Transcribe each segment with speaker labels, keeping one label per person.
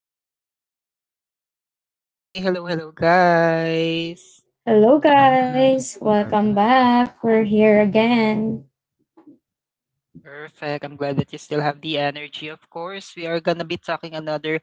Speaker 1: my two beautiful co hosts right here. Say hello, hello, guys.
Speaker 2: Ah, we're back.
Speaker 1: Perfect. I'm glad that you still have the energy. Of course, we are gonna be talking another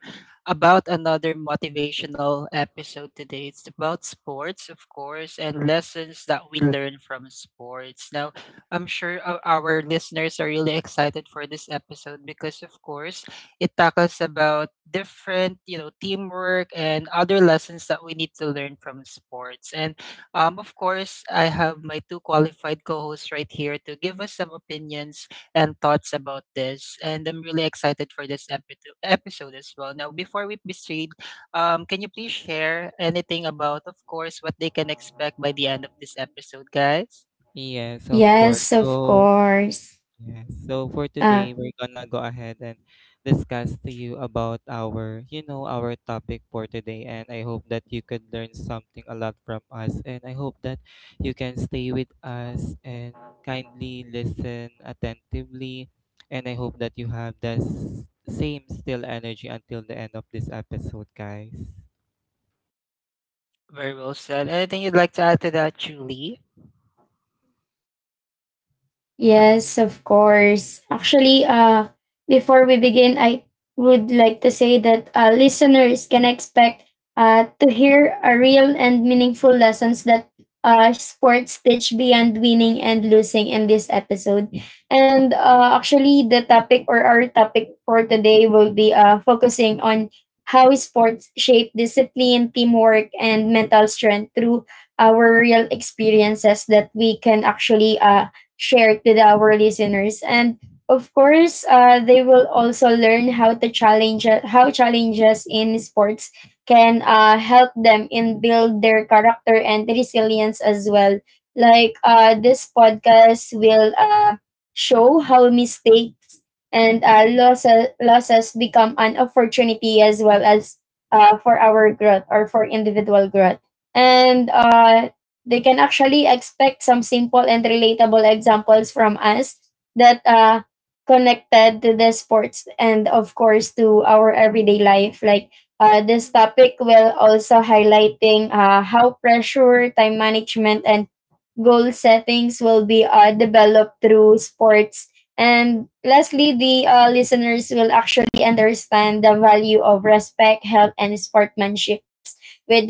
Speaker 1: about another motivational episode today. It's about sports, of course, and lessons that we learn from sports. Now, I'm sure our listeners are really excited for this episode because, of course, it tackles about different, teamwork and other lessons that we need to learn from sports. And of course, I have my two qualified co-hosts right here to give us some opinions and thoughts about this. And I'm really excited for this episode as well. Now, before we proceed, can you please share anything about, of course, what they can expect by the end of this episode, guys?
Speaker 2: Yes, of course. So, yes. So for today, we're gonna go ahead and discuss to you about our topic for today. And I hope that you could learn something a lot from us. And I hope that you can stay with us and kindly listen attentively. And I hope that you have the same still energy until the end of this episode, guys.
Speaker 1: Very well said. Anything you'd like to add to that, Julie?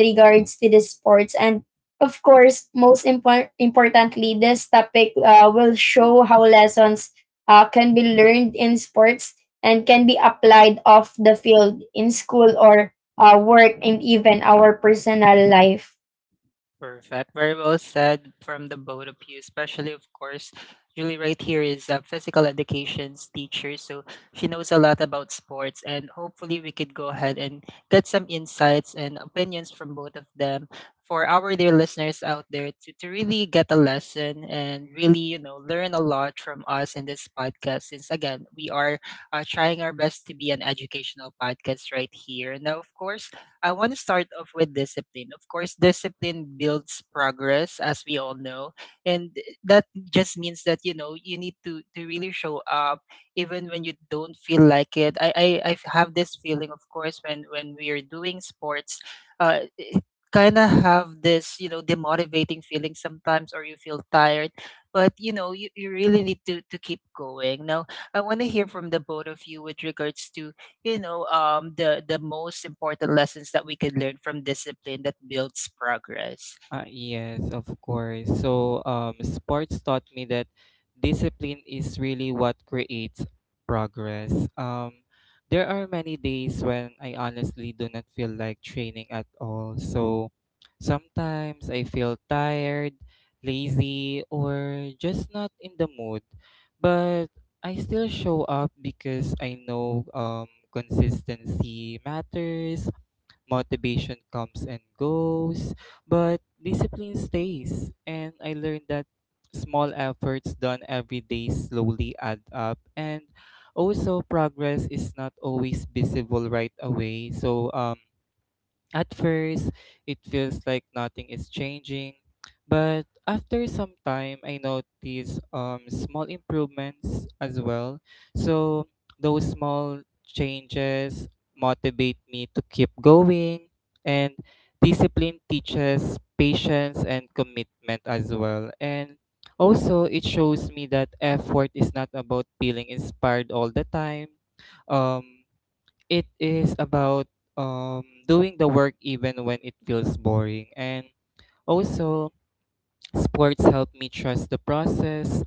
Speaker 1: Yeah. Perfect. Very well said from the both of you, especially, of course, Julie right here is a physical education's teacher, so she knows a lot about sports, and hopefully we could go ahead and get some insights and opinions from both of them for our dear listeners out there to really get a lesson and really, you know, learn a lot from us in this podcast, since, again, we are trying our best to be an educational podcast right here. Now, of course, I want to start off with discipline. Of course, discipline builds progress, as we all know. And that just means that, you know, you need to really show up even when you don't feel like it. I have this feeling, of course, when we are doing sports, uh, kind of have this, you know, demotivating feeling sometimes or you feel tired. But, you know, you really need to keep going. Now, I want to hear from the both of you with regards to the most important lessons that we can learn from discipline that builds progress.
Speaker 2: Yes, of course. So, sports taught me that discipline is really what creates progress. There are many days when I honestly do not feel like training at all. So, sometimes I feel tired, lazy, or just not in the mood. But I still show up because I know consistency matters. Motivation comes and goes, but discipline stays. And I learned that small efforts done every day slowly add up. And also, progress is not always visible right away. So, at first, it feels like nothing is changing, but after some time, I notice small improvements as well. So, those small changes motivate me to keep going, and discipline teaches patience and commitment as well. And also, it shows me that effort is not about feeling inspired all the time. Um, it is about doing the work even when it feels boring. And also, sports help me trust the process.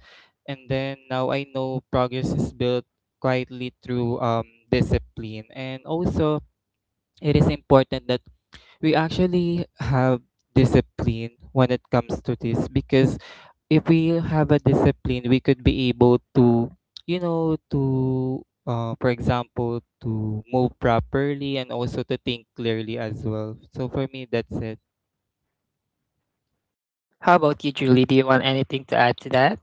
Speaker 2: And then now I know progress is built quietly through discipline. And also, it is important that we actually have discipline when it comes to this because if we have a discipline, we could be able to, you know, to, for example, to move properly and also to think clearly as well. So for me, that's it.
Speaker 1: How about you, Julie? Do you want anything to add to that?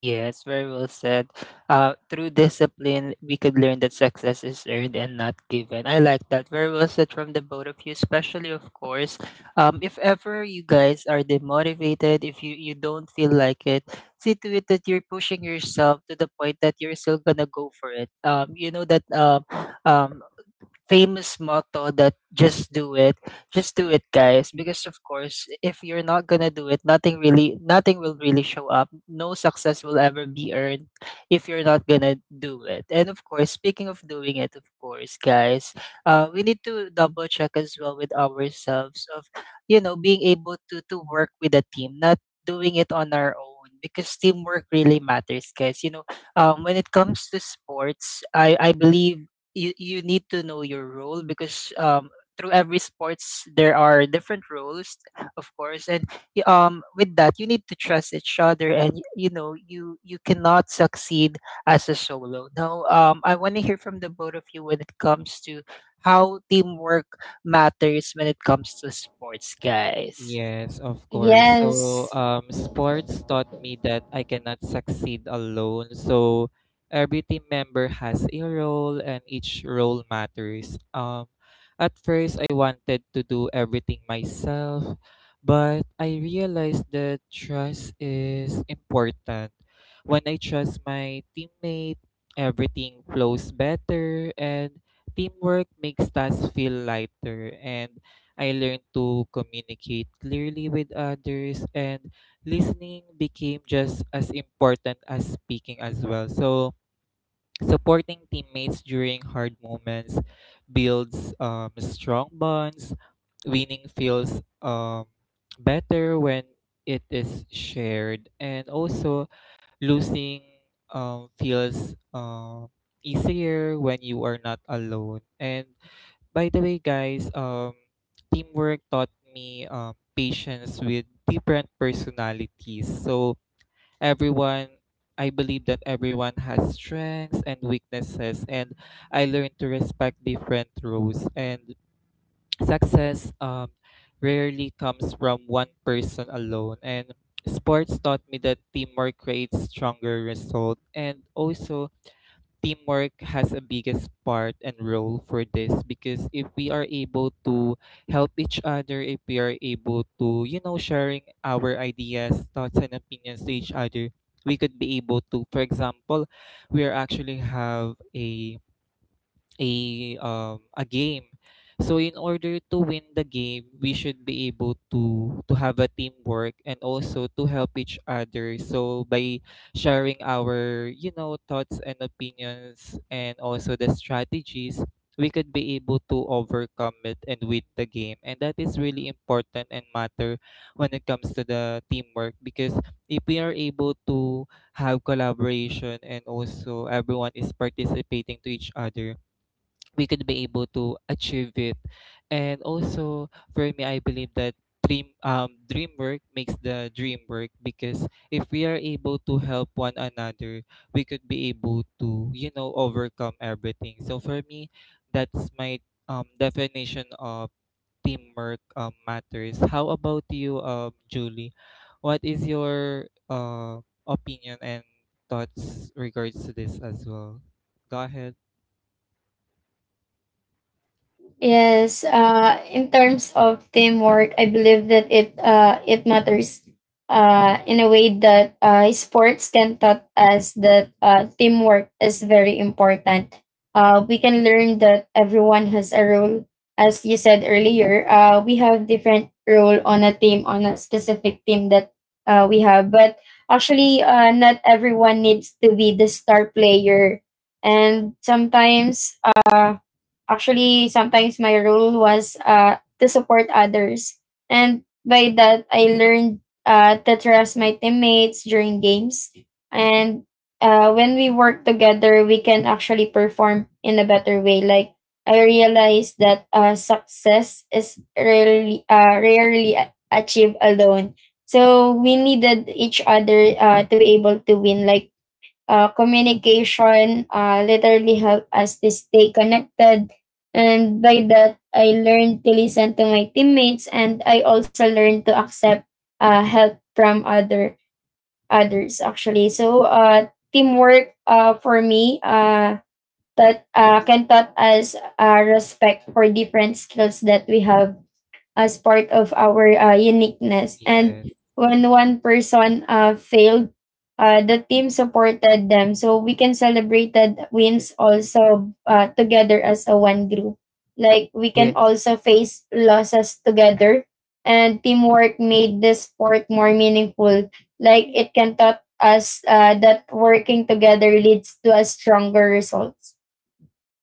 Speaker 1: Yes, very well said. Through discipline we could learn that success is earned and not given. I like that. Very well said from the both of you, especially of course. If ever you guys are demotivated, if you don't feel like it, see to it that you're pushing yourself to the point that you're still gonna go for it. You know that um famous motto, that just do it. Just do it, guys, because of course if you're not gonna do it, nothing will really show up, no success will ever be earned if you're not gonna do it. And of course, speaking of doing it, of course, guys, we need to double check as well with ourselves of, you know, being able to work with a team, not doing it on our own, because teamwork really matters, guys, you know. When it comes to sports, I believe you need to know your role because through every sports there are different roles, of course. And with that, you need to trust each other, and you know you cannot succeed as a solo. Now, I want to hear from the both of you when it comes to how teamwork matters when it comes to sports, guys.
Speaker 2: Yes, of course. So, sports taught me that I cannot succeed alone. So, every team member has a role and each role matters. At first, I wanted to do everything myself, but I realized that trust is important. When I trust my teammate, everything flows better and teamwork makes tasks feel lighter, and I learned to communicate clearly with others, and listening became just as important as speaking as well. So, supporting teammates during hard moments builds strong bonds. Winning feels better when it is shared, and also losing feels easier when you are not alone. And by the way, guys, teamwork taught me patience with different personalities. So everyone, I believe that everyone has strengths and weaknesses, and I learned to respect different roles. And success rarely comes from one person alone. And sports taught me that teamwork creates stronger result, and also teamwork has a biggest part and role for this because if we are able to help each other, if we are able to, you know, sharing our ideas, thoughts, and opinions to each other, we could be able to, for example, we are actually have a a game. So in order to win the game, we should be able to have a teamwork and also to help each other. So by sharing our, you know, thoughts and opinions and also the strategies, we could be able to overcome it and win the game. And that is really important and matter when it comes to the teamwork because if we are able to have collaboration and also everyone is participating to each other, we could be able to achieve it. And also for me, I believe that dream work makes the dream work, because if we are able to help one another, we could be able to, you know, overcome everything. So for me, that's my definition of teamwork matters. How about you, Julie? What is your opinion and thoughts regards to this as well? Go ahead. Yes.
Speaker 1: Yes.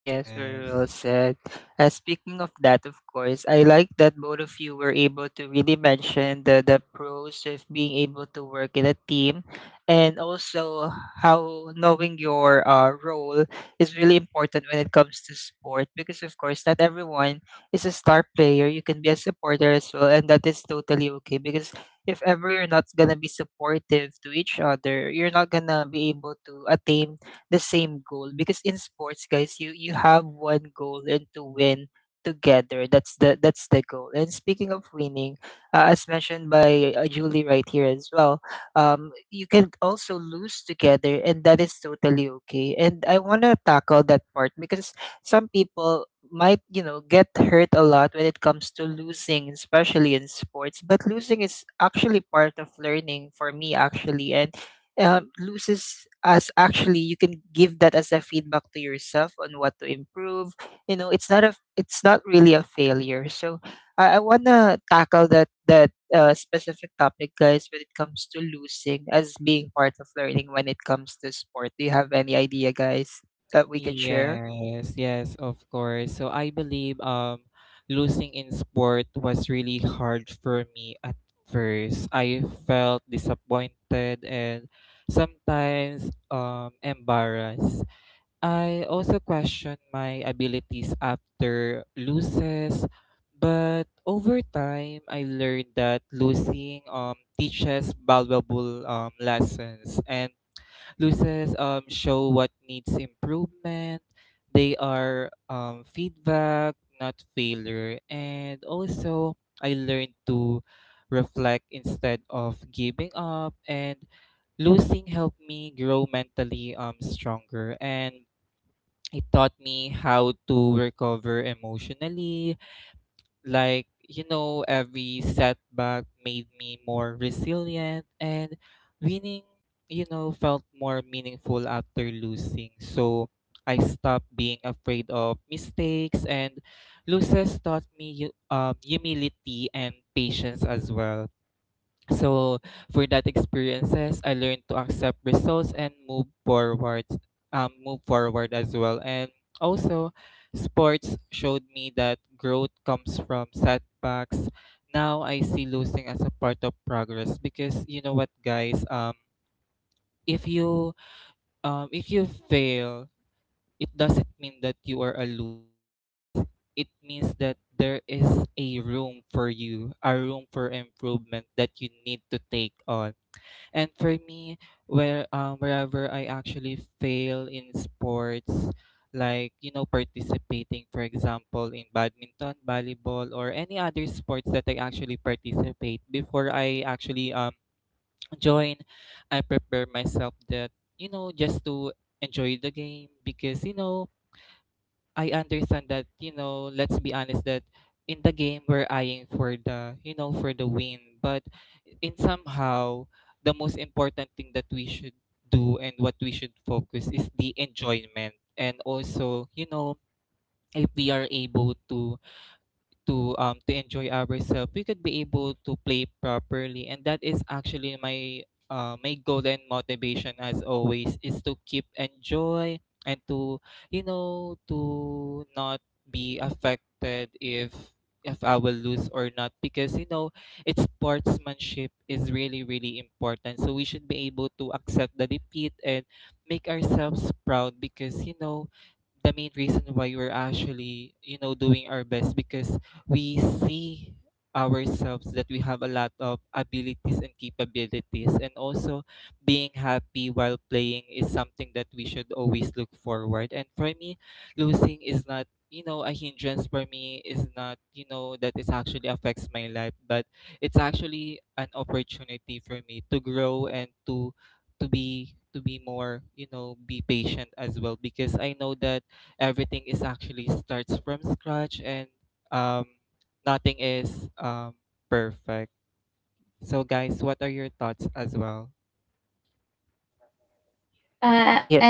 Speaker 1: Yes, very well
Speaker 2: Yes.
Speaker 1: said. Speaking of that, of course, I like that both of you were able to really mention the pros of being able to work in a team, and also how knowing your role is really important when it comes to sport because, of course, not everyone is a star player. You can be a supporter as well, and that is totally okay because if ever you're not going to be supportive to each other, you're not going to be able to attain the same goal, because in sports, guys, you have one goal, and to win together. That's the goal. And speaking of winning, as mentioned by Julie right here as well, you can also lose together, and that is totally okay. And I want to tackle that part because some people might, you know, get hurt a lot when it comes to losing, especially in sports. But losing is actually part of learning for me actually. And loses as actually, you can give that as a feedback to yourself on what to improve. You know, it's not really a failure. So I want to tackle that specific topic, guys, when it comes to losing as being part of learning when it comes to sport. Do you have any idea, guys, that we could share?
Speaker 2: Yes, of course. So I believe losing in sport was really hard for me at first. I felt disappointed and sometimes embarrassed. I also questioned my abilities after losses, but over time I learned that losing teaches valuable lessons, and loses show what needs improvement. They are feedback, not failure. And also, I learned to reflect instead of giving up. And losing helped me grow mentally stronger. And it taught me how to recover emotionally, like, you know, every setback made me more resilient, and winning, you know, felt more meaningful after losing. So I stopped being afraid of mistakes, and losses taught me humility and patience as well. So for that experiences, I learned to accept results and move forward as well. And also, sports showed me that growth comes from setbacks. Now I see losing as a part of progress, because you know what, guys. If you fail, it doesn't mean that you are a loser, guys. It means that there is a room for you, a room for improvement that you need to take on, and for me, where wherever I actually fail in sports, like, you know, participating, for example, in badminton, volleyball, or any other sports that I actually participate before I actually join, I prepare myself that, you know, just to enjoy the game, because you know I understand that, you know, let's be honest that in the game we're eyeing for the, you know, for the win, but in somehow the most important thing that we should do and what we should focus is the enjoyment, and also, you know, if we are able to enjoy ourselves, we could be able to play properly, and that is actually my my goal and motivation as always is to keep enjoy and to, you know, to not be affected if I will lose or not, because you know it's sportsmanship is really really important, so we should be able to accept the defeat and make ourselves proud, because you know the main reason why we're actually, you know, doing our best, because we see ourselves that we have a lot of abilities and capabilities, and also being happy while playing is something that we should always look forward, and for me losing is not, you know, a hindrance for me, is not, you know, that it actually affects my life, but it's actually an opportunity for me to grow, and to be more, you know, be patient as well, because I know that everything is actually starts from scratch, and um nothing is perfect. So guys, what are your thoughts as well?
Speaker 1: Yeah.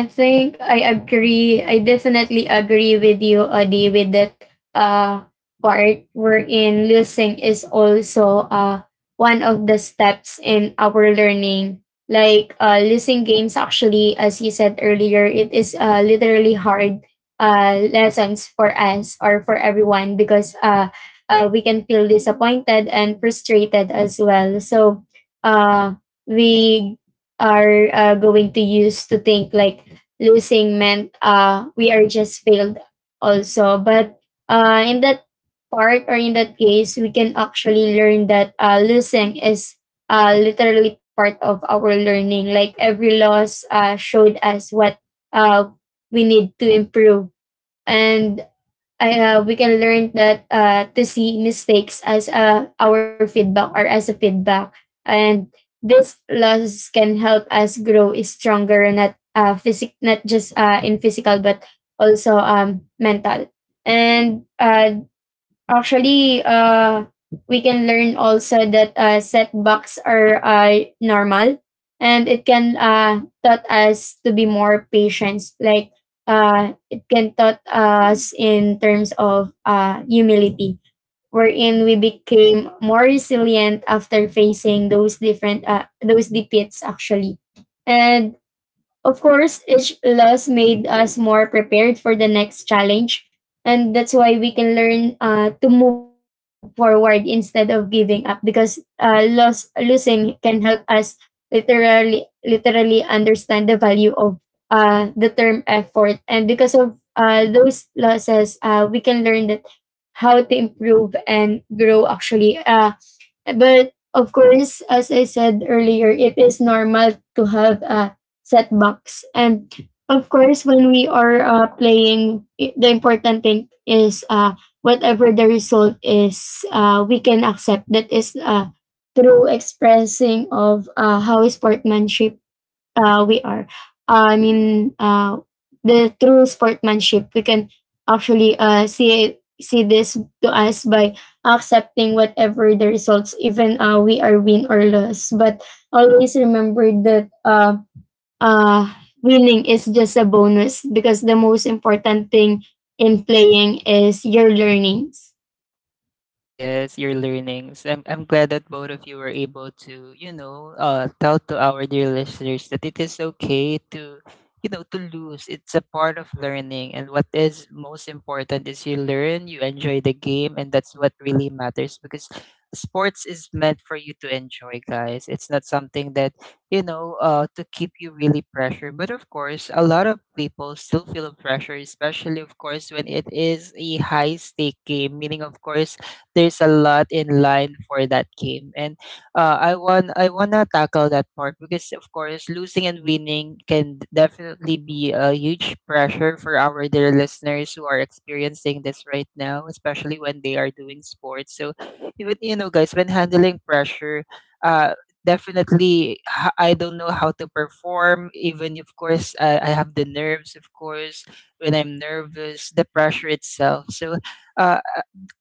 Speaker 1: Yes, your learnings. I'm glad that both of you were able to, you know, tell to our dear listeners that it is okay to, you know, to lose. It's a part of learning, and what is most important is you learn, you enjoy the game, and that's what really matters because sports is meant for you to enjoy, guys. It's not something that, you know, to keep you really pressure. But of course, a lot of people still feel pressure, especially of course when it is a high stake game. Meaning, of course, there's a lot in line for that game. And I want to tackle that part because of course, losing and winning can definitely be a huge pressure for our dear listeners who are experiencing this right now, especially when they are doing sports. So even, you know, guys, when handling pressure, uh definitely, I don't know how to perform, even of course. I have the nerves, of course, when I'm nervous, the pressure itself. So uh,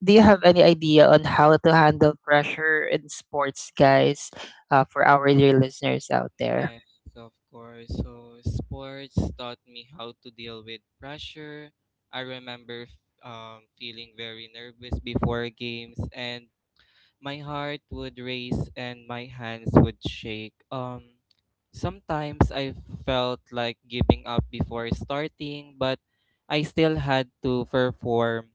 Speaker 1: do you have any idea on how to handle pressure in sports, guys, for our dear listeners out there?
Speaker 2: Yes, of course. So sports taught me how to deal with pressure. I remember feeling very nervous before games, and my heart would race and my hands would shake. Sometimes I felt like giving up before starting, but I still had to perform.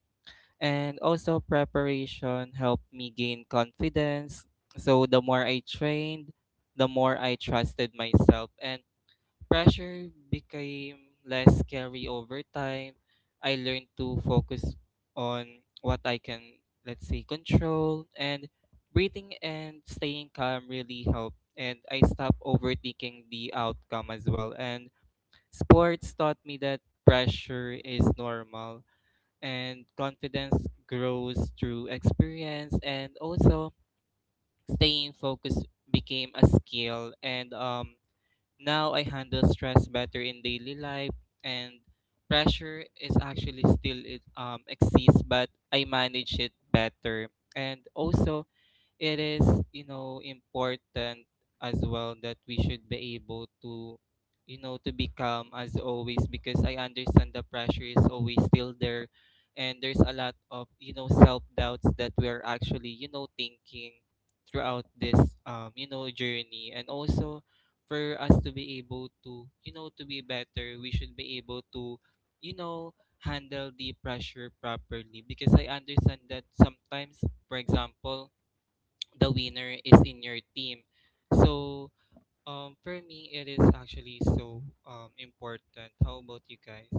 Speaker 2: And also preparation helped me gain confidence. So the more I trained, the more I trusted myself, and pressure became less scary over time. I learned to focus on what I can, let's say, control, and breathing and staying calm really helped, and I stopped overthinking the outcome as well, and sports taught me that pressure is normal and confidence grows through experience, and also staying focused became a skill, and now I handle stress better in daily life, and pressure is actually still it exists, but I manage it better, and also it is, you know, important as well that we should be able to, you know, to be calm as always, because I understand the pressure is always still there, and there's a lot of, you know, self doubts that we're actually, you know, thinking throughout this you know journey, and also for us to be able to, you know, to be better, we should be able to, you know, handle the pressure properly, because I understand that sometimes, for example, the winner is in your team. So for me, it is actually so important. How about you guys?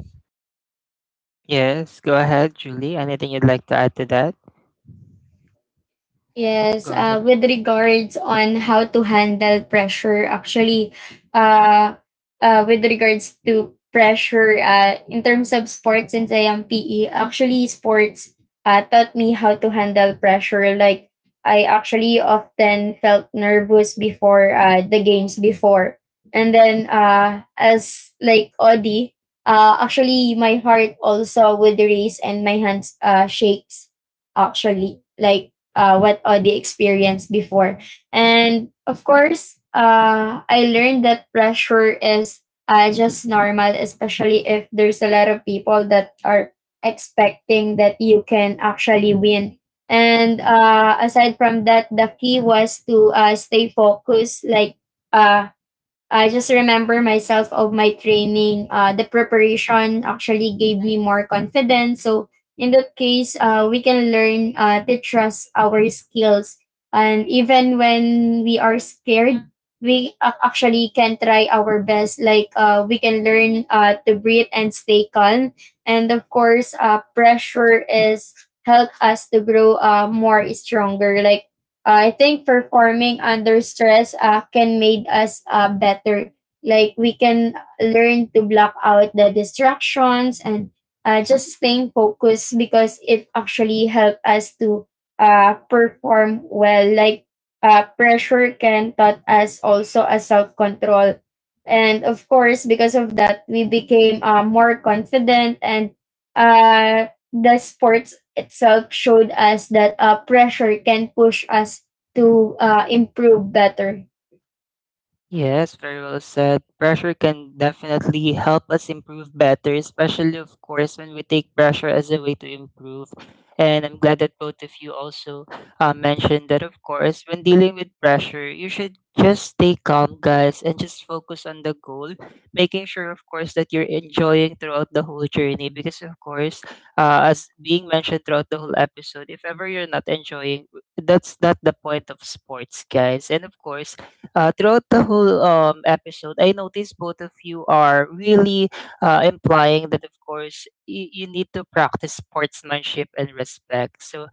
Speaker 1: Yes, go ahead, Julie. Anything you'd like to add to that? Go ahead. Yes, very well said. Pressure can definitely help us improve better, especially, of course, when we take pressure as a way to improve. And I'm glad that both of you also mentioned that, of course, when dealing with pressure, you should just stay calm, guys, and just focus on the goal, making sure, of course, that you're enjoying throughout the whole journey. Because, of course, as being mentioned throughout the whole episode, if ever you're not enjoying, that's not the point of sports, guys. And, of course, throughout the whole episode, I noticed both of you are really implying that, of course, you need to practice sportsmanship and respect. So,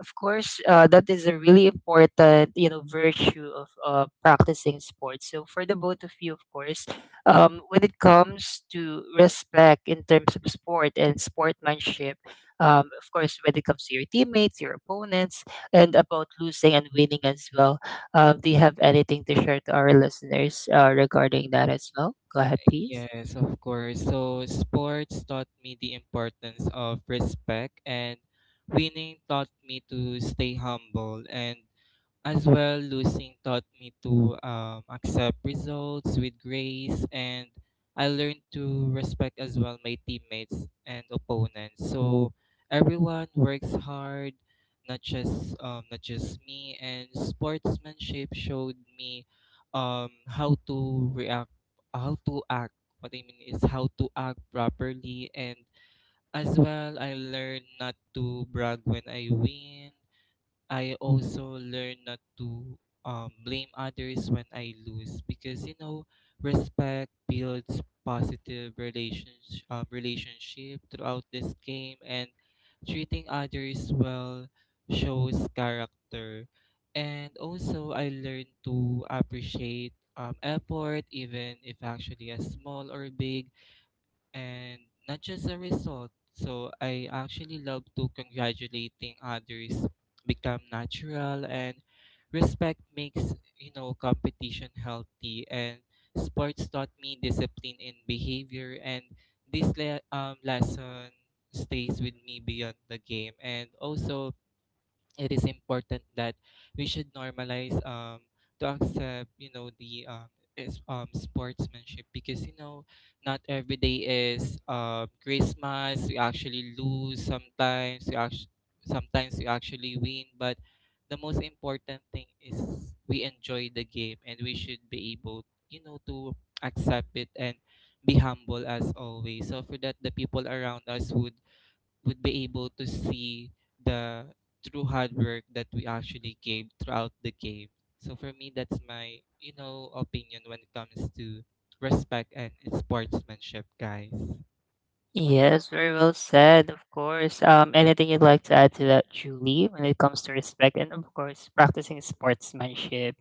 Speaker 1: of course, that is a really important, you know, virtue of practicing sports. So, for the both of you, of course, when it comes to respect in terms of sport and sportsmanship, of course, when it comes to your teammates, your opponents, and about losing and winning as well, do you have anything to share to our listeners regarding that as well? Go ahead, please.
Speaker 2: Yes, of course. So sports taught me the importance of respect, and winning taught me to stay humble, and as well losing taught me to accept results with grace, and I learned to respect as well my teammates and opponents. So everyone works hard, not just me, and sportsmanship showed me um, how to react how to act. What I mean is how to act properly, and as well I learn not to brag when I win. I also learn not to blame others when I lose, because you know respect builds positive relationship throughout this game, and treating others well shows character, and also I learned to appreciate effort, even if actually as small or big, and not just a result. So I actually love to congratulating others become natural and respect makes competition healthy and sports taught me discipline in behavior and this lesson stays with me beyond the game. And also it is important that we should normalize to accept the is sportsmanship because not every day is Christmas. We actually lose sometimes, we actually win, but the most important thing is we enjoy the game and we should be able, to accept it and be humble as always. So for that, the people around us would be able to see the true hard work that we actually gave throughout the game. So for me, that's my opinion when it comes to respect and sportsmanship, guys.
Speaker 1: Yes, very well said, of course. Anything you'd like to add to that, Julie, when it comes to respect and, of course, practicing sportsmanship?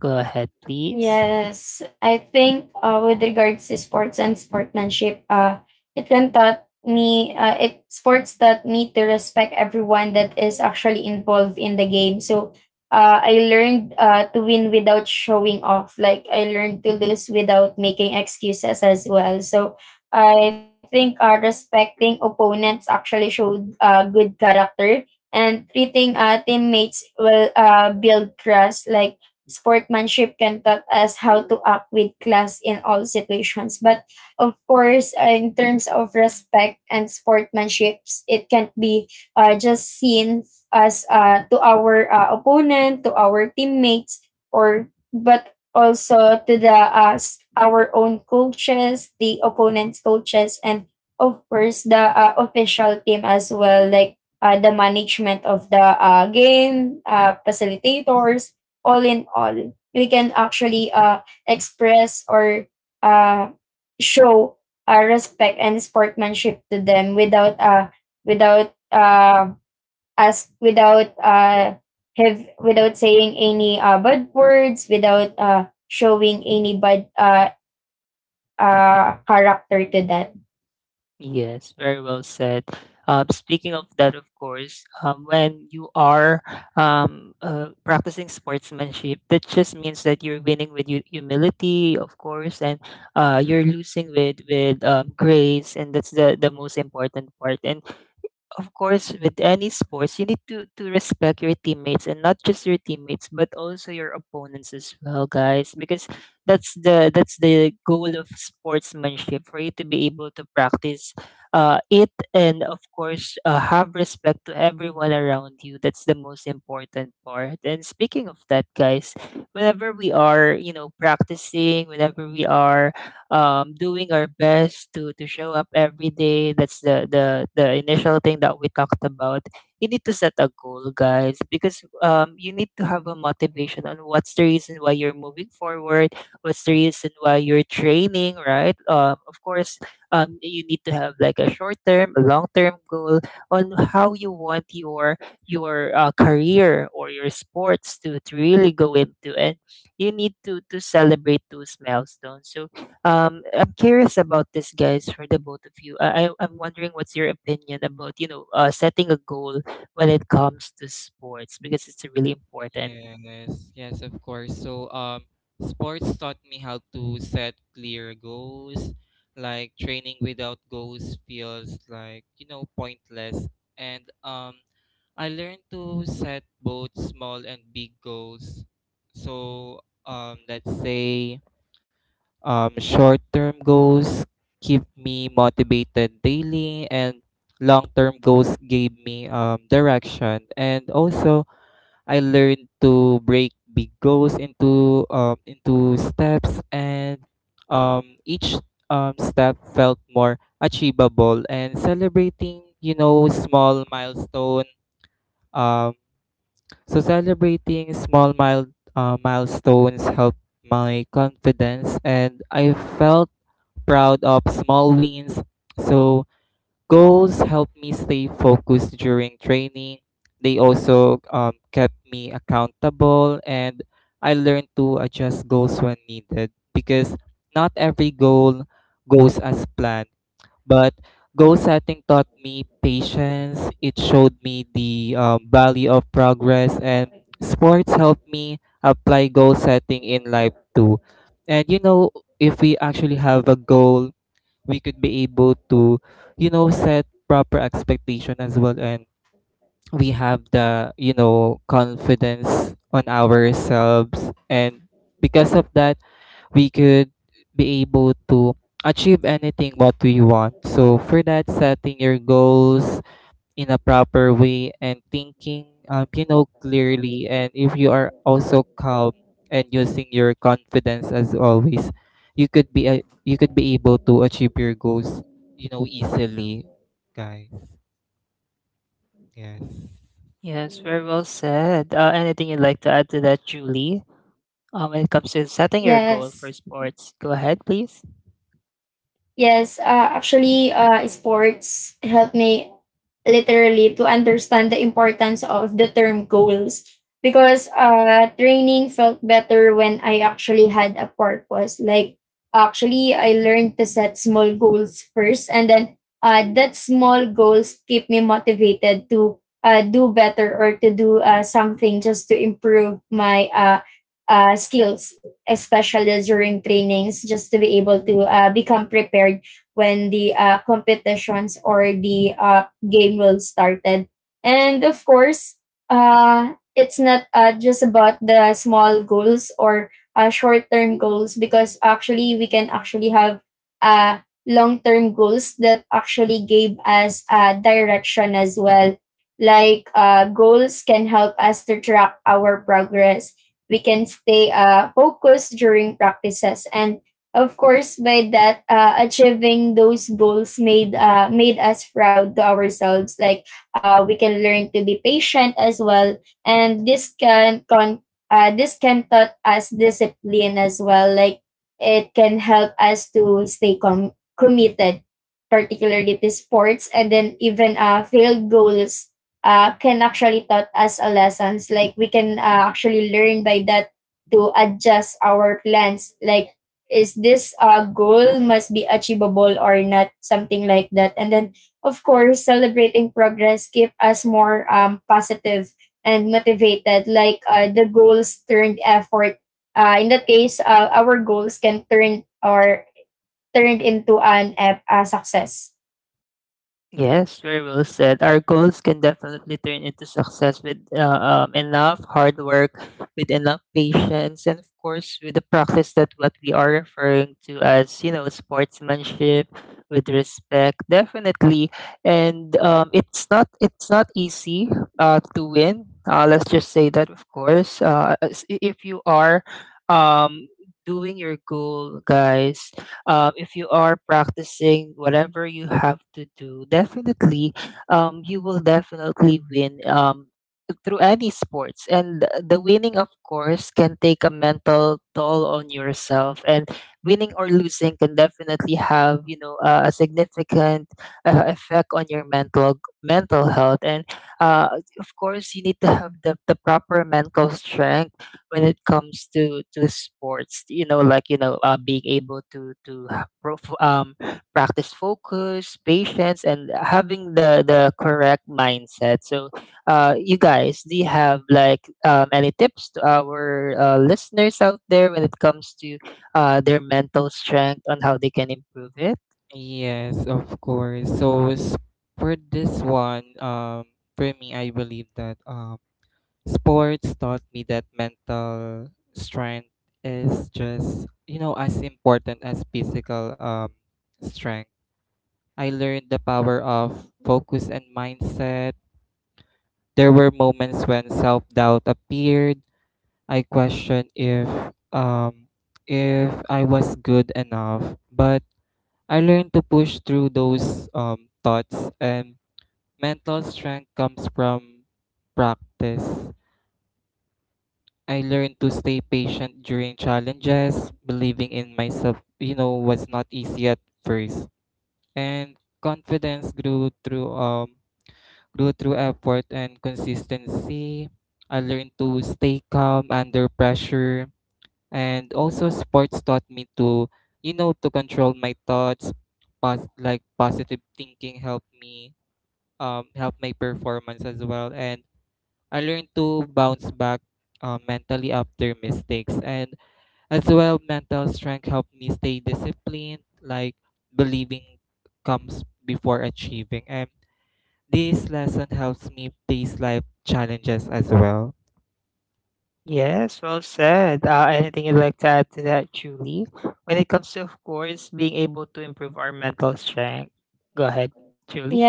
Speaker 1: Go ahead, please. Yes, very well said. Speaking of that, of course, when you are practicing sportsmanship, that just means that you're winning with humility, of course, and you're losing with grace, and that's the most important part. And of course, with any sports, you need to respect your teammates, and not just your teammates, but also your opponents as well, guys. Because that's the goal of sportsmanship, for you to be able to practice it, and of course, have respect to everyone around you. That's the most important part. And speaking of that, guys, whenever we are, you know, practicing, whenever we are doing our best to show up every day. That's the initial thing that we talked about. You need to set a goal, guys, because you need to have a motivation on what's the reason why you're moving forward, what's the reason why you're training, right? Of course, you need to have like a short term, a long term goal on how you want your career or your sports to really go into. And you need to celebrate those milestones. So I'm curious about this, guys, for the both of you. I'm wondering what's your opinion about, you know, setting a goal when it comes to sports, because it's really important.
Speaker 2: Yes, yes, of course. So sports taught me how to set clear goals. Like training without goals feels like, pointless, and I learned to set both small and big goals. So, let's say short term goals keep me motivated daily, and long term goals gave me direction. And also, I learned to break big goals into steps, and each step felt more achievable. And celebrating, you know, small milestone. Um, so celebrating small mild milestones helped my confidence, and I felt proud of small wins. So goals helped me stay focused during training. They also kept me accountable, and I learned to adjust goals when needed because not every goal goes as planned. But goal setting taught me patience. It showed me the value of progress, and sports helped me apply goal setting in life too. And you know, if we actually have a goal, we could be able to, you know, set proper expectation as well, and we have the confidence on ourselves, and because of that we could be able to achieve anything what we want. So for that, setting your goals in a proper way and thinking, you know, clearly, and if you are also calm and using your confidence as always, you could be able to achieve your goals, you know, easily, guys. Yes.
Speaker 1: Yes, very well said. Anything you'd like to add to that, Julie? When it comes to setting your goal for sports, go ahead, please. Yes, very well said. Our goals can definitely turn into success with enough hard work, with enough patience, and of course with the practice that what we are referring to as you know sportsmanship, with respect, definitely. And It's not easy to win. Let's just say that, of course, if you are um, doing your goal, guys, if you are practicing whatever you have to do, definitely, you will definitely win, through any sports. And the winning, of course, can take a mental toll on yourself. And winning or losing can definitely have, you know, a significant effect on your mental health. And uh, of course, you need to have the proper mental strength when it comes to sports, being able to practice focus, patience, and having the correct mindset. So you guys, do you have like any tips to our listeners out there when it comes to their mental strength, on how they can improve it?
Speaker 2: Yes, of course. For this one, for me, I believe that sports taught me that mental strength is just, you know, as important as physical strength. I learned the power of focus and mindset. There were moments when self doubt appeared. I questioned um, if I was good enough, but I learned to push through those thoughts. And mental strength comes from practice. I learned to stay patient during challenges, believing in myself, you know, was not easy at first. And confidence grew through effort and consistency. I learned to stay calm under pressure, and also sports taught me to, you know, to control my thoughts. Like positive thinking helped me help my performance as well, and I learned to bounce back mentally after mistakes. And as well, mental strength helped me stay disciplined, like believing comes before achieving. And this lesson helps me face life challenges as well.
Speaker 1: Yes, well said. Anything you'd like to add to that, Julie? When it comes to, of course, being able to improve our mental strength, go ahead, Julie.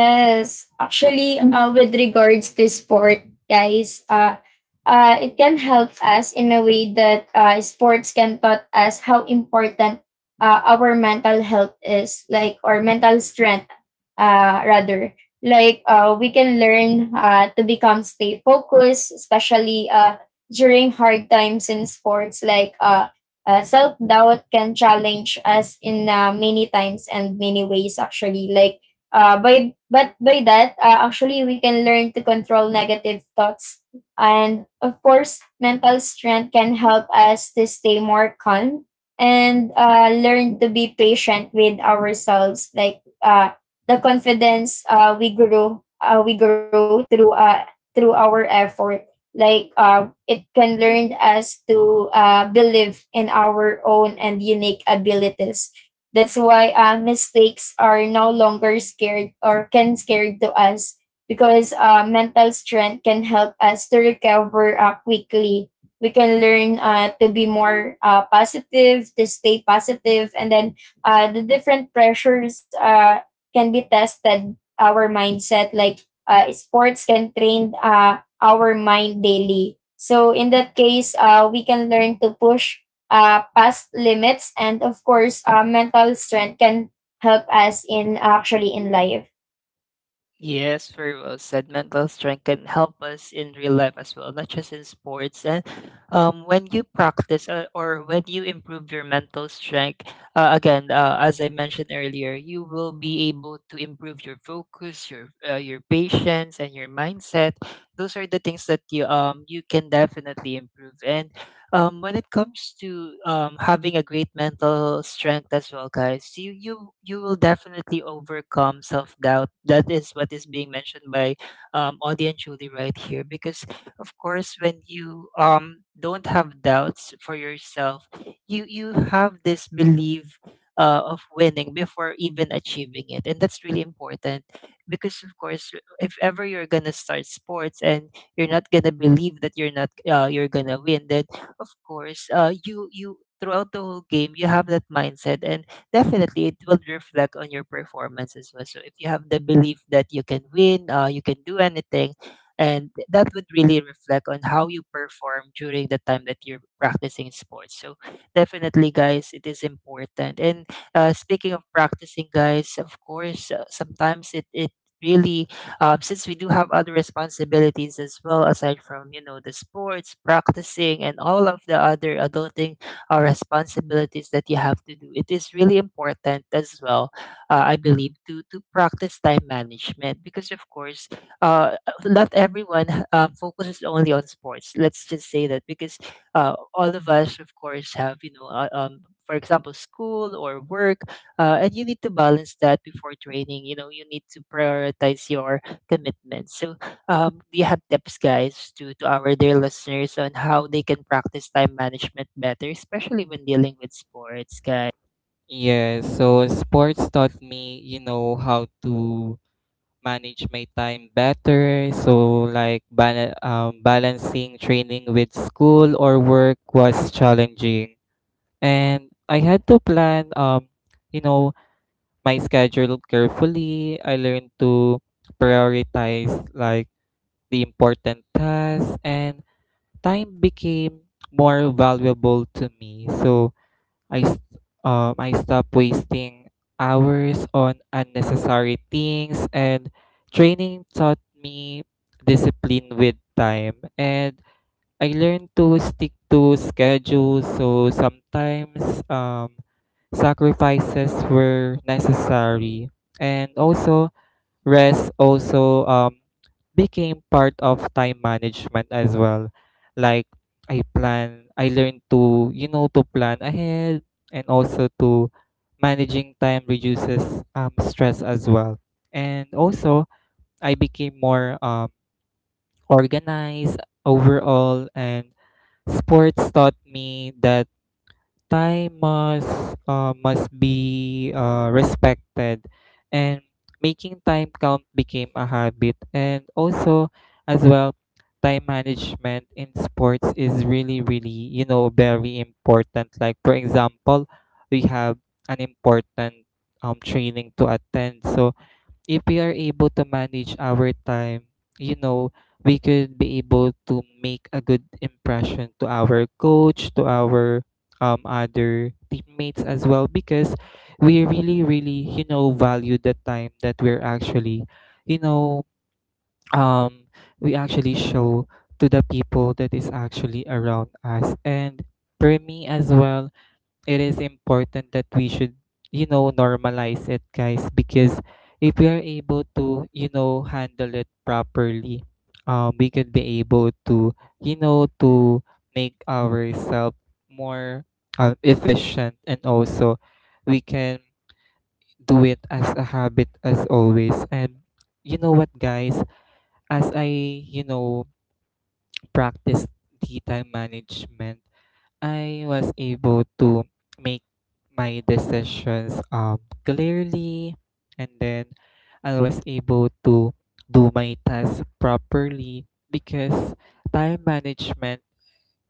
Speaker 1: Yes, very well said. Mental strength can help us in real life as well, not just in sports. And When you practice, or when you improve your mental strength, again, as I mentioned earlier, you will be able to improve your focus, your patience, and your mindset. Those are the things that you can definitely improve. And When it comes to having a great mental strength as well, guys, you will definitely overcome self-doubt. That is what is being mentioned by Audie and Julie right here, because of course, when you don't have doubts for yourself, you have this belief, of winning before even achieving it, and that's really important. Because of course, if ever you're gonna start sports and you're not gonna believe that you're not you're gonna win, then of course, you, throughout the whole game, you have that mindset, and definitely it will reflect on your performance as well. So if you have the belief that you can win, you can do anything, and that would really reflect on how you perform during the time that you're practicing sports. So definitely, guys, it is important. And Speaking of practicing, guys, of course, sometimes it really, since we do have other responsibilities as well aside from you know the sports practicing and all of the other adulting responsibilities that you have to do, it is really important as well, I believe, to practice time management. Because of course, uh, not everyone focuses only on sports, let's just say that. Because all of us of course have, you know, for example school or work, and you need to balance that before training. You know, you need to prioritize your commitment. So, do you have tips, guys, to our dear listeners on how they can practice time management better, especially when dealing with sports, guys?
Speaker 2: Yeah, so sports taught me, you know, how to manage my time better. So balancing training with school or work was challenging. And I had to plan you know my schedule carefully. I learned to prioritize like the important tasks, and time became more valuable to me. So I s- I stopped wasting hours on unnecessary things, and training taught me discipline with time, and I learned to stick to schedules. So sometimes um sacrifices were necessary, and also rest also became part of time management as well. Like I learned to, you know, to plan ahead, and also to managing time reduces stress as well. And also I became more organized overall, and sports taught me that time must be respected, and making time count became a habit. And also as well, time management in sports is really really, you know, very important. Like for example, we have an important training to attend. So if we are able to manage our time, you know, we could be able to make a good impression to our coach, to our other teammates as well, because we really really, you know, value the time that we're actually, you know um we actually show to the people that is actually around us. And for me as well, it is important that we should, you know, normalize it, guys, because if we are able to, you know, handle it properly, we could be able to, you know, to make ourselves more efficient, and also we can do it as a habit as always. And you know what, guys, as I, you know, practice the time management, I was able to make my decisions clearly, and then I was able to do my tasks properly, because time management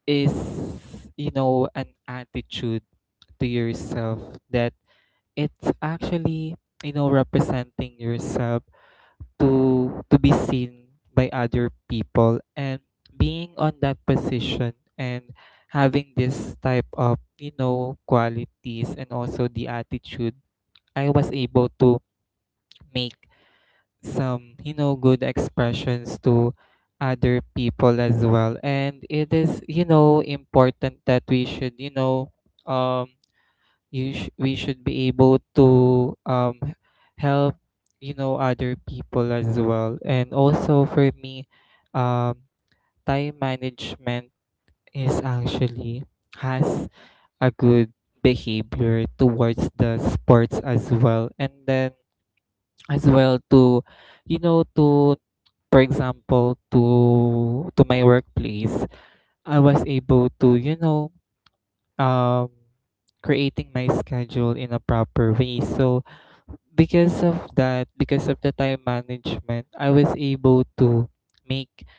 Speaker 2: is, you know, an attitude to yourself, that it's actually, you know, representing yourself to be seen by other people. And being on that position and having this type of, qualities and also the attitude, I was able to make some, you know, good expressions to other people as well. And it is, you know, important that we should, um we should be able to help, you know, other people as well. And also for me, um time management is actually has a good behavior towards the sports as well. And then as well to, you know, to for example to my workplace, I was able to, you know, um creating my schedule in a proper way. So because of that, because of the time management, I was able to make,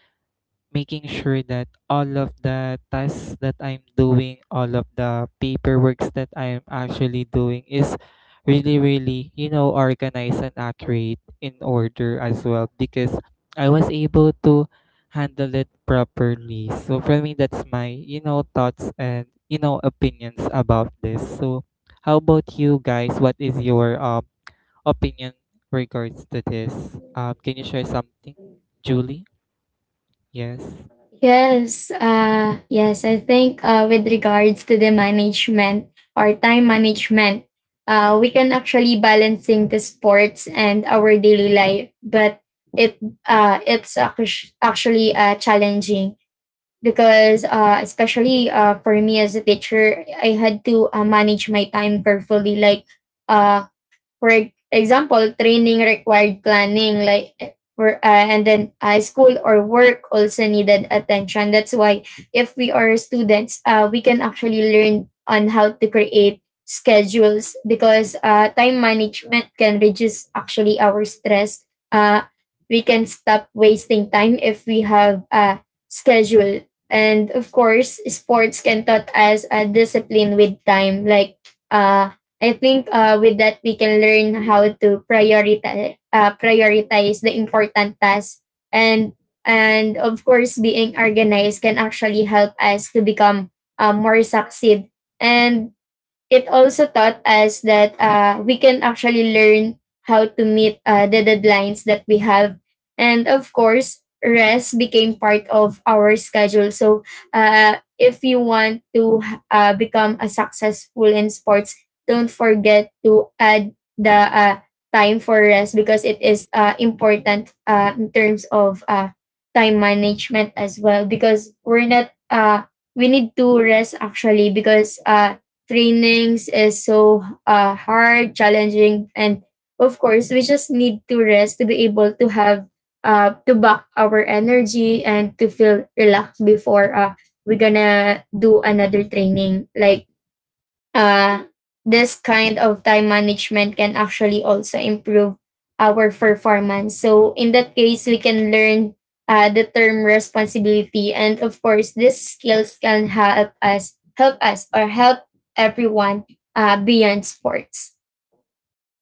Speaker 2: making sure that all of the tasks that I'm doing, all of the paperworks that I'm actually doing is really really, you know, organized and accurate in order as well, because I was able to handle it properly. So for me, that's my, you know, thoughts and, you know, opinions about this. So how about you guys, what is your opinion regards to this. Can you share something, Julie? Yes.
Speaker 3: Yes, yes, I think with regards to the management or time management, we can actually balancing the sports and our daily life, but it it's actually challenging because especially for me as a teacher, I had to manage my time carefully, like uh, for example, training required planning, like and then school or work also needed attention. That's why if we are students, we can actually learn on how to create schedules because time management can reduce actually our stress. Uh, we can stop wasting time if we have a schedule. And of course, sports can taught us a discipline with time, like uh, I think with that we can learn how to prioritize prioritize the important tasks and of course being organized can actually help us to become more succeed and it also taught us that we can actually learn how to meet the deadlines that we have. And of course, rest became part of our schedule. So if you want to become a successful in sports, don't forget to add the time for rest because it is important in terms of time management as well because we're not we need to rest actually because trainings is so hard, challenging, and of course, we just need to rest to be able to have to back our energy and to feel relaxed before we're gonna do another training. Like uh, this kind of time management can actually also improve our performance. So in that case, we can learn the term responsibility, and of course, these skills can help us or help everyone beyond sports.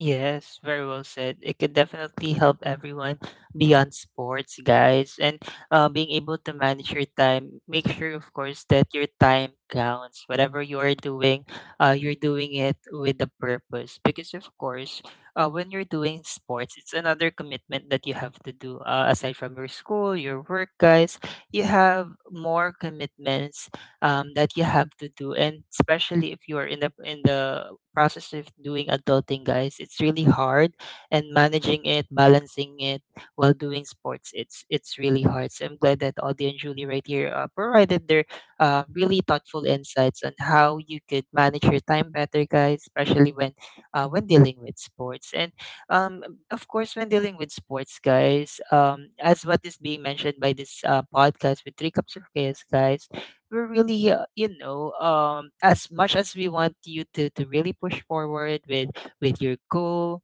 Speaker 1: Yes, very well said. It could definitely help everyone beyond sports, guys. And Being able to manage your time, make sure, of course, that your time counts. Whatever you are doing, you're doing it with a purpose. Because, of course, when you're doing sports, it's another commitment that you have to do. Aside from your school, your work, guys, you have more commitments that you have to do. And especially if you are in the process of doing adulting, guys. It's really hard, and managing it, balancing it while doing sports, it's really hard. So I'm glad that Audie and Julie right here provided their really thoughtful insights on how you could manage your time better, guys, especially when dealing with sports. And um, of course, when dealing with sports, guys, as what is being mentioned by this podcast with Three Cups of Chaos, guys, we're really as much as we want you to really push forward with your goal,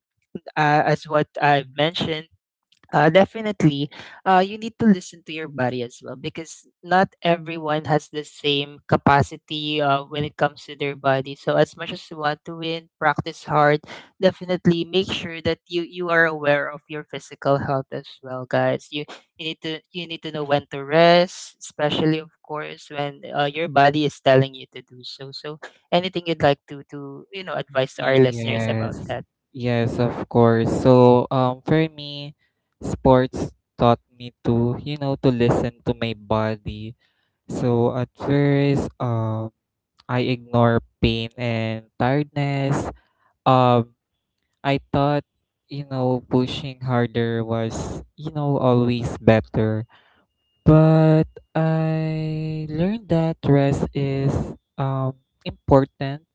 Speaker 1: as what I've mentioned, definitely. You need to listen to your body as well, because not everyone has the same capacity when it comes to their body. So as much as you want to win, practice hard. Definitely make sure that you are aware of your physical health as well, guys. You need to know when to rest, especially of course when your body is telling you to do so. So anything you'd like to you know advise to our listeners
Speaker 2: Yes.
Speaker 1: about that?
Speaker 2: Yes, of course. So, for me, sports taught me to, you know, to listen to my body. So at first, I ignore pain and tiredness. Um, I thought, you know, pushing harder was, you know, always better. But I learned that rest is important,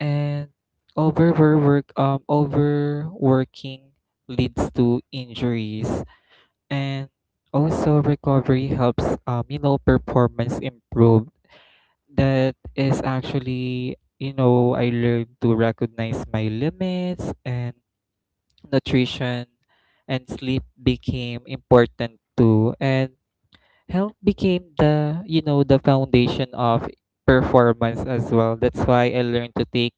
Speaker 2: and overworking leads to injuries, and also recovery helps, performance improve. That is actually, you know, I learned to recognize my limits, and nutrition and sleep became important too. And health became the, you know, the foundation of performance as well. That's why I learned to take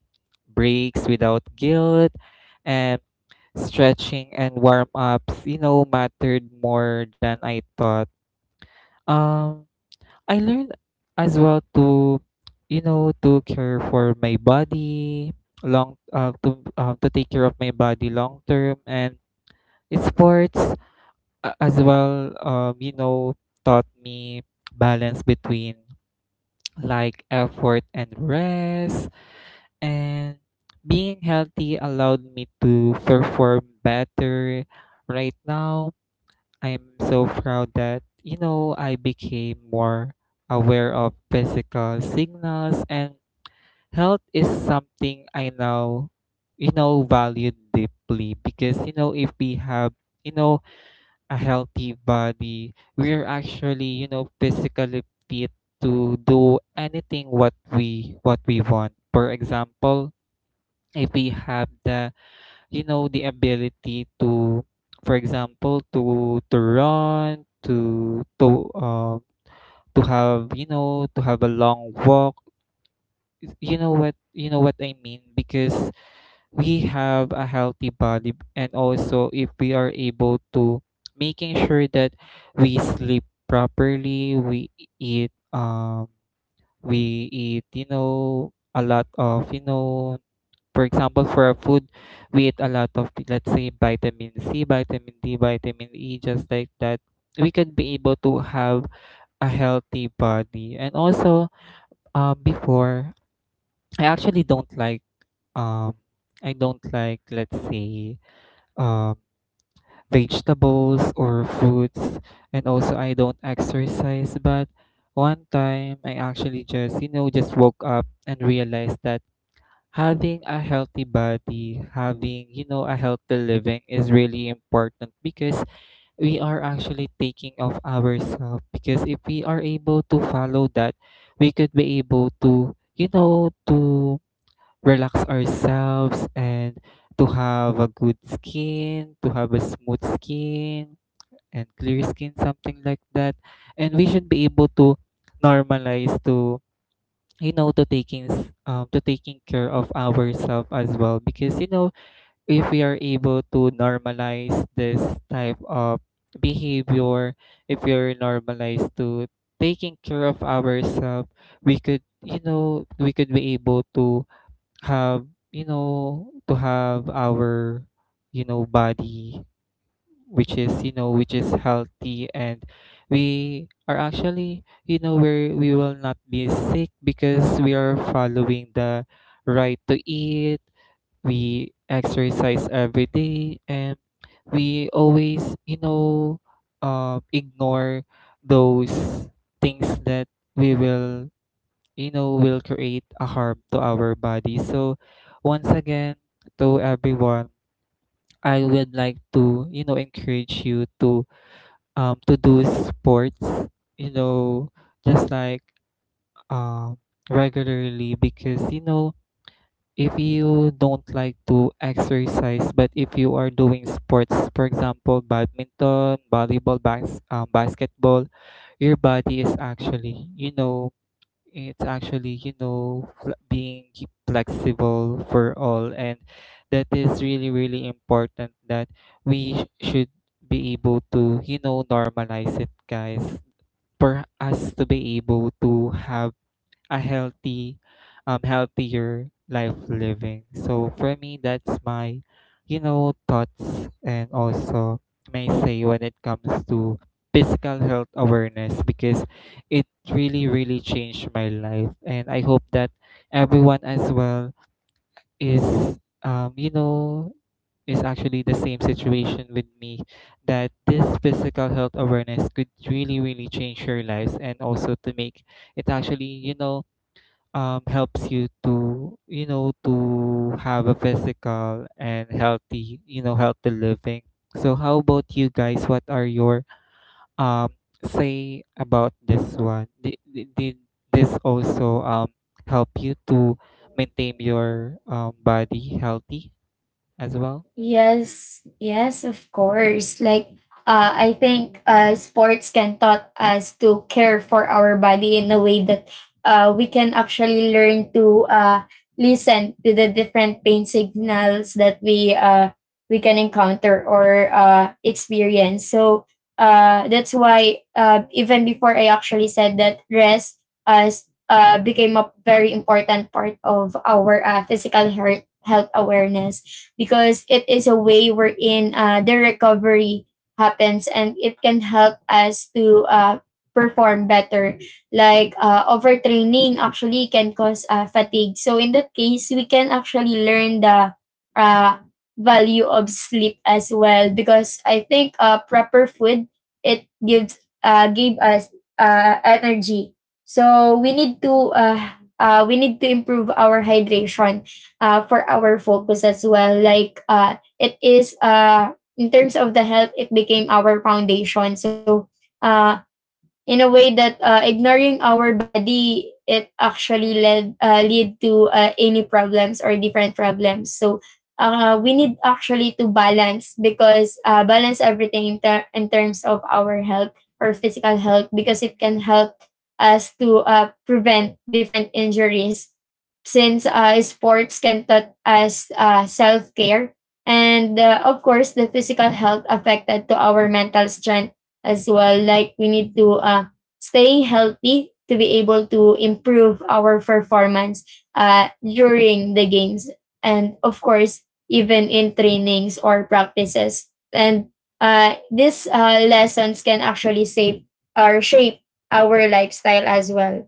Speaker 2: breaks without guilt, and stretching and warm ups, you know, mattered more than I thought. um I learned as well to, you know, to care for my body long to take care of my body long term. And sports as well, taught me balance between like effort and rest. And being healthy allowed me to perform better. Right now, I'm so proud that, you know, I became more aware of physical signals, and health is something I now, you know, value deeply, because, you know, if we have, you know, a healthy body, we're actually, you know, physically fit to do anything what we want. For example, if we have the, you know, the ability to, for example, to run, uh, to have, you know, to have a long walk. You know what I mean, because we have a healthy body. And also, if we are able to making sure that we sleep properly, we eat we eat, you know, a lot of, you know, for example for our food, we eat a lot of, let's say, vitamin C, vitamin D, vitamin E, just like that, we could be able to have a healthy body. And also, before I actually don't like um let's say, um, vegetables or fruits. And also, I don't exercise. But one time, I actually just, you know, just woke up and realized that having a healthy body, having, you know, a healthy living is really important, because we are actually taking of ourselves. Because if we are able to follow that, we could be able to, you know, to relax ourselves, and to have a good skin, to have a smooth skin and clear skin, something like that. And we should be able to normalize to you know, to taking care of ourselves as well. Because, you know, if we are able to normalize this type of behavior, if we are normalized to taking care of ourselves, we could, we could be able to have, to have our, you know, body, which is, you know, which is healthy. And we are actually, you know, where we will not be sick, because we are following the right to eat, we exercise every day, and we always, you know, ignore those things that we will, you know, will create a harm to our body. So once again, to everyone, I would like to, you know, encourage you to do sports, you know, just like um regularly, because, you know, if you don't like to exercise, but if you are doing sports, for example, badminton, volleyball, basketball, your body is actually, you know, it's actually, you know, being flexible for all. And that is really really important, that should be able to, you know, normalize it, guys, for us to be able to have a healthy healthier life living. So for me, that's my, you know, thoughts, and also may say, when it comes to physical health awareness, because it really really changed my life, and I hope that everyone as well is um you know is actually the same situation with me, that this physical health awareness could really really change your lives, and also to make it actually, you know, helps you to, you know, to have a physical and healthy, healthy living. So how about you guys, what are your um say about this one, did this also help you to maintain your body healthy as well?
Speaker 3: Yes, yes, of course. Like, I think sports can taught us to care for our body in a way that we can actually learn to listen to the different pain signals that we can encounter or experience. So that's why even before I actually said that rest became a very important part of our physical health awareness because it is a way wherein the recovery happens and it can help us to perform better. Like overtraining actually can cause fatigue. So in that case, we can actually learn the uh, value of sleep as well because I think proper food it gives give us energy. So we need to improve our hydration for our focus as well. Like it is in terms of the health, it became our foundation. So uh, in a way that ignoring our body it actually led lead to any problems or different problems, so we need actually to balance because balance everything in terms of our health or physical health because it can help us to prevent different injuries since sports can taught us self-care and of course the physical health affected to our mental strength as well. Like we need to stay healthy to be able to improve our performance during the games and of course even in trainings or practices and these lessons can actually save or shape our lifestyle as well.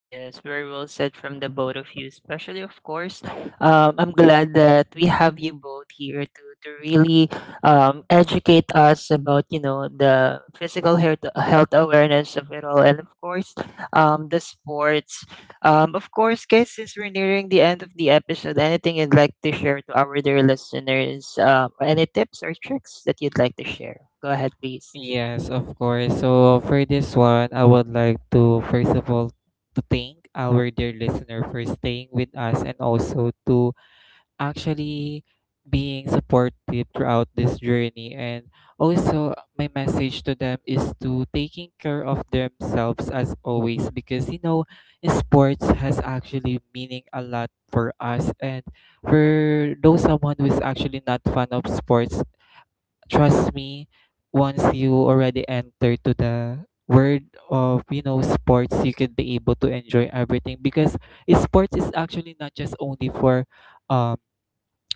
Speaker 1: Yes, very well said from the both of you, especially of course. I'm glad that we have you both here to really educate us about, you know, the physical health awareness of it all, and of course the sports. Of course, guys, since we're nearing the end of the episode, anything you'd like to share to our dear listeners? Any tips or tricks that you'd like to share? Go ahead, please.
Speaker 2: Yes, of course. So for this one, I would like to first of all to thank our dear listener for staying with us, and also to actually being supportive throughout this journey. And also my message to them is to taking care of themselves as always, because, you know, sports has actually meaning a lot for us. And for those someone who is actually not fan of sports, trust me, once you already enter to the world of, sports, you could be able to enjoy everything, because sports is actually not just only for um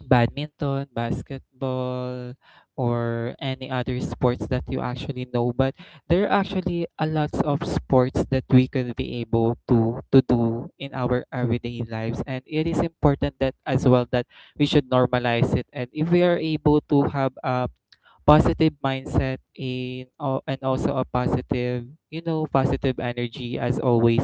Speaker 2: badminton, basketball, or any other sports that you actually know. But there are actually a lots of sports that we could be able to do in our everyday lives, and it is important that as well that we should normalize it. And if we are able to have a positive mindset, and also a positive, positive energy as always,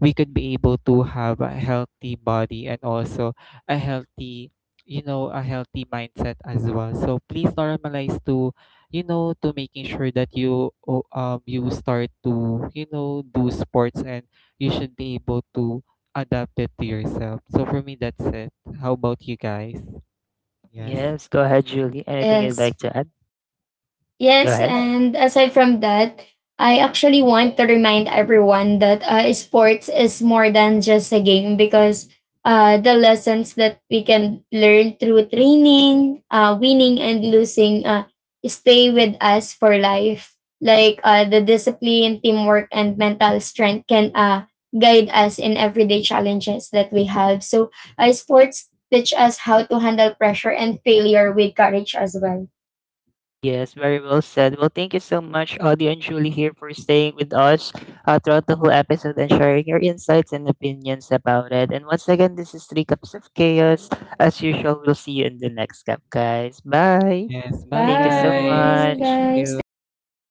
Speaker 2: we could be able to have a healthy body, and also a healthy, a healthy mindset as well. So please normalize to, you know, to making sure that you start to, you know, do sports, and you should be able to adapt it to yourself. So for me, that's it. How about you guys? Yes.
Speaker 1: Yes, go ahead, Julie. Anything you'd
Speaker 3: Yes,
Speaker 1: like to add? Go
Speaker 3: Yes,
Speaker 1: ahead.
Speaker 3: and aside from that, I actually want to remind everyone that sports is more than just a game because the lessons that we can learn through training, winning, and losing stay with us for life. Like the discipline, teamwork, and mental strength can guide us in everyday challenges that we have. So, sports teach us how to handle pressure and failure with courage as well.
Speaker 1: Yes, very well said. Well, thank you so much, Audie and Julie, here for staying with us throughout the whole episode and sharing your insights and opinions about it. And once again, this is Three Cups of Chaos. As usual, we'll see you in the next cup, guys. Bye.
Speaker 2: Yes. Bye
Speaker 1: Thank you so
Speaker 2: guys,
Speaker 3: Bye,
Speaker 1: much.
Speaker 2: thank
Speaker 3: guys. Thank you
Speaker 2: you.
Speaker 3: so much.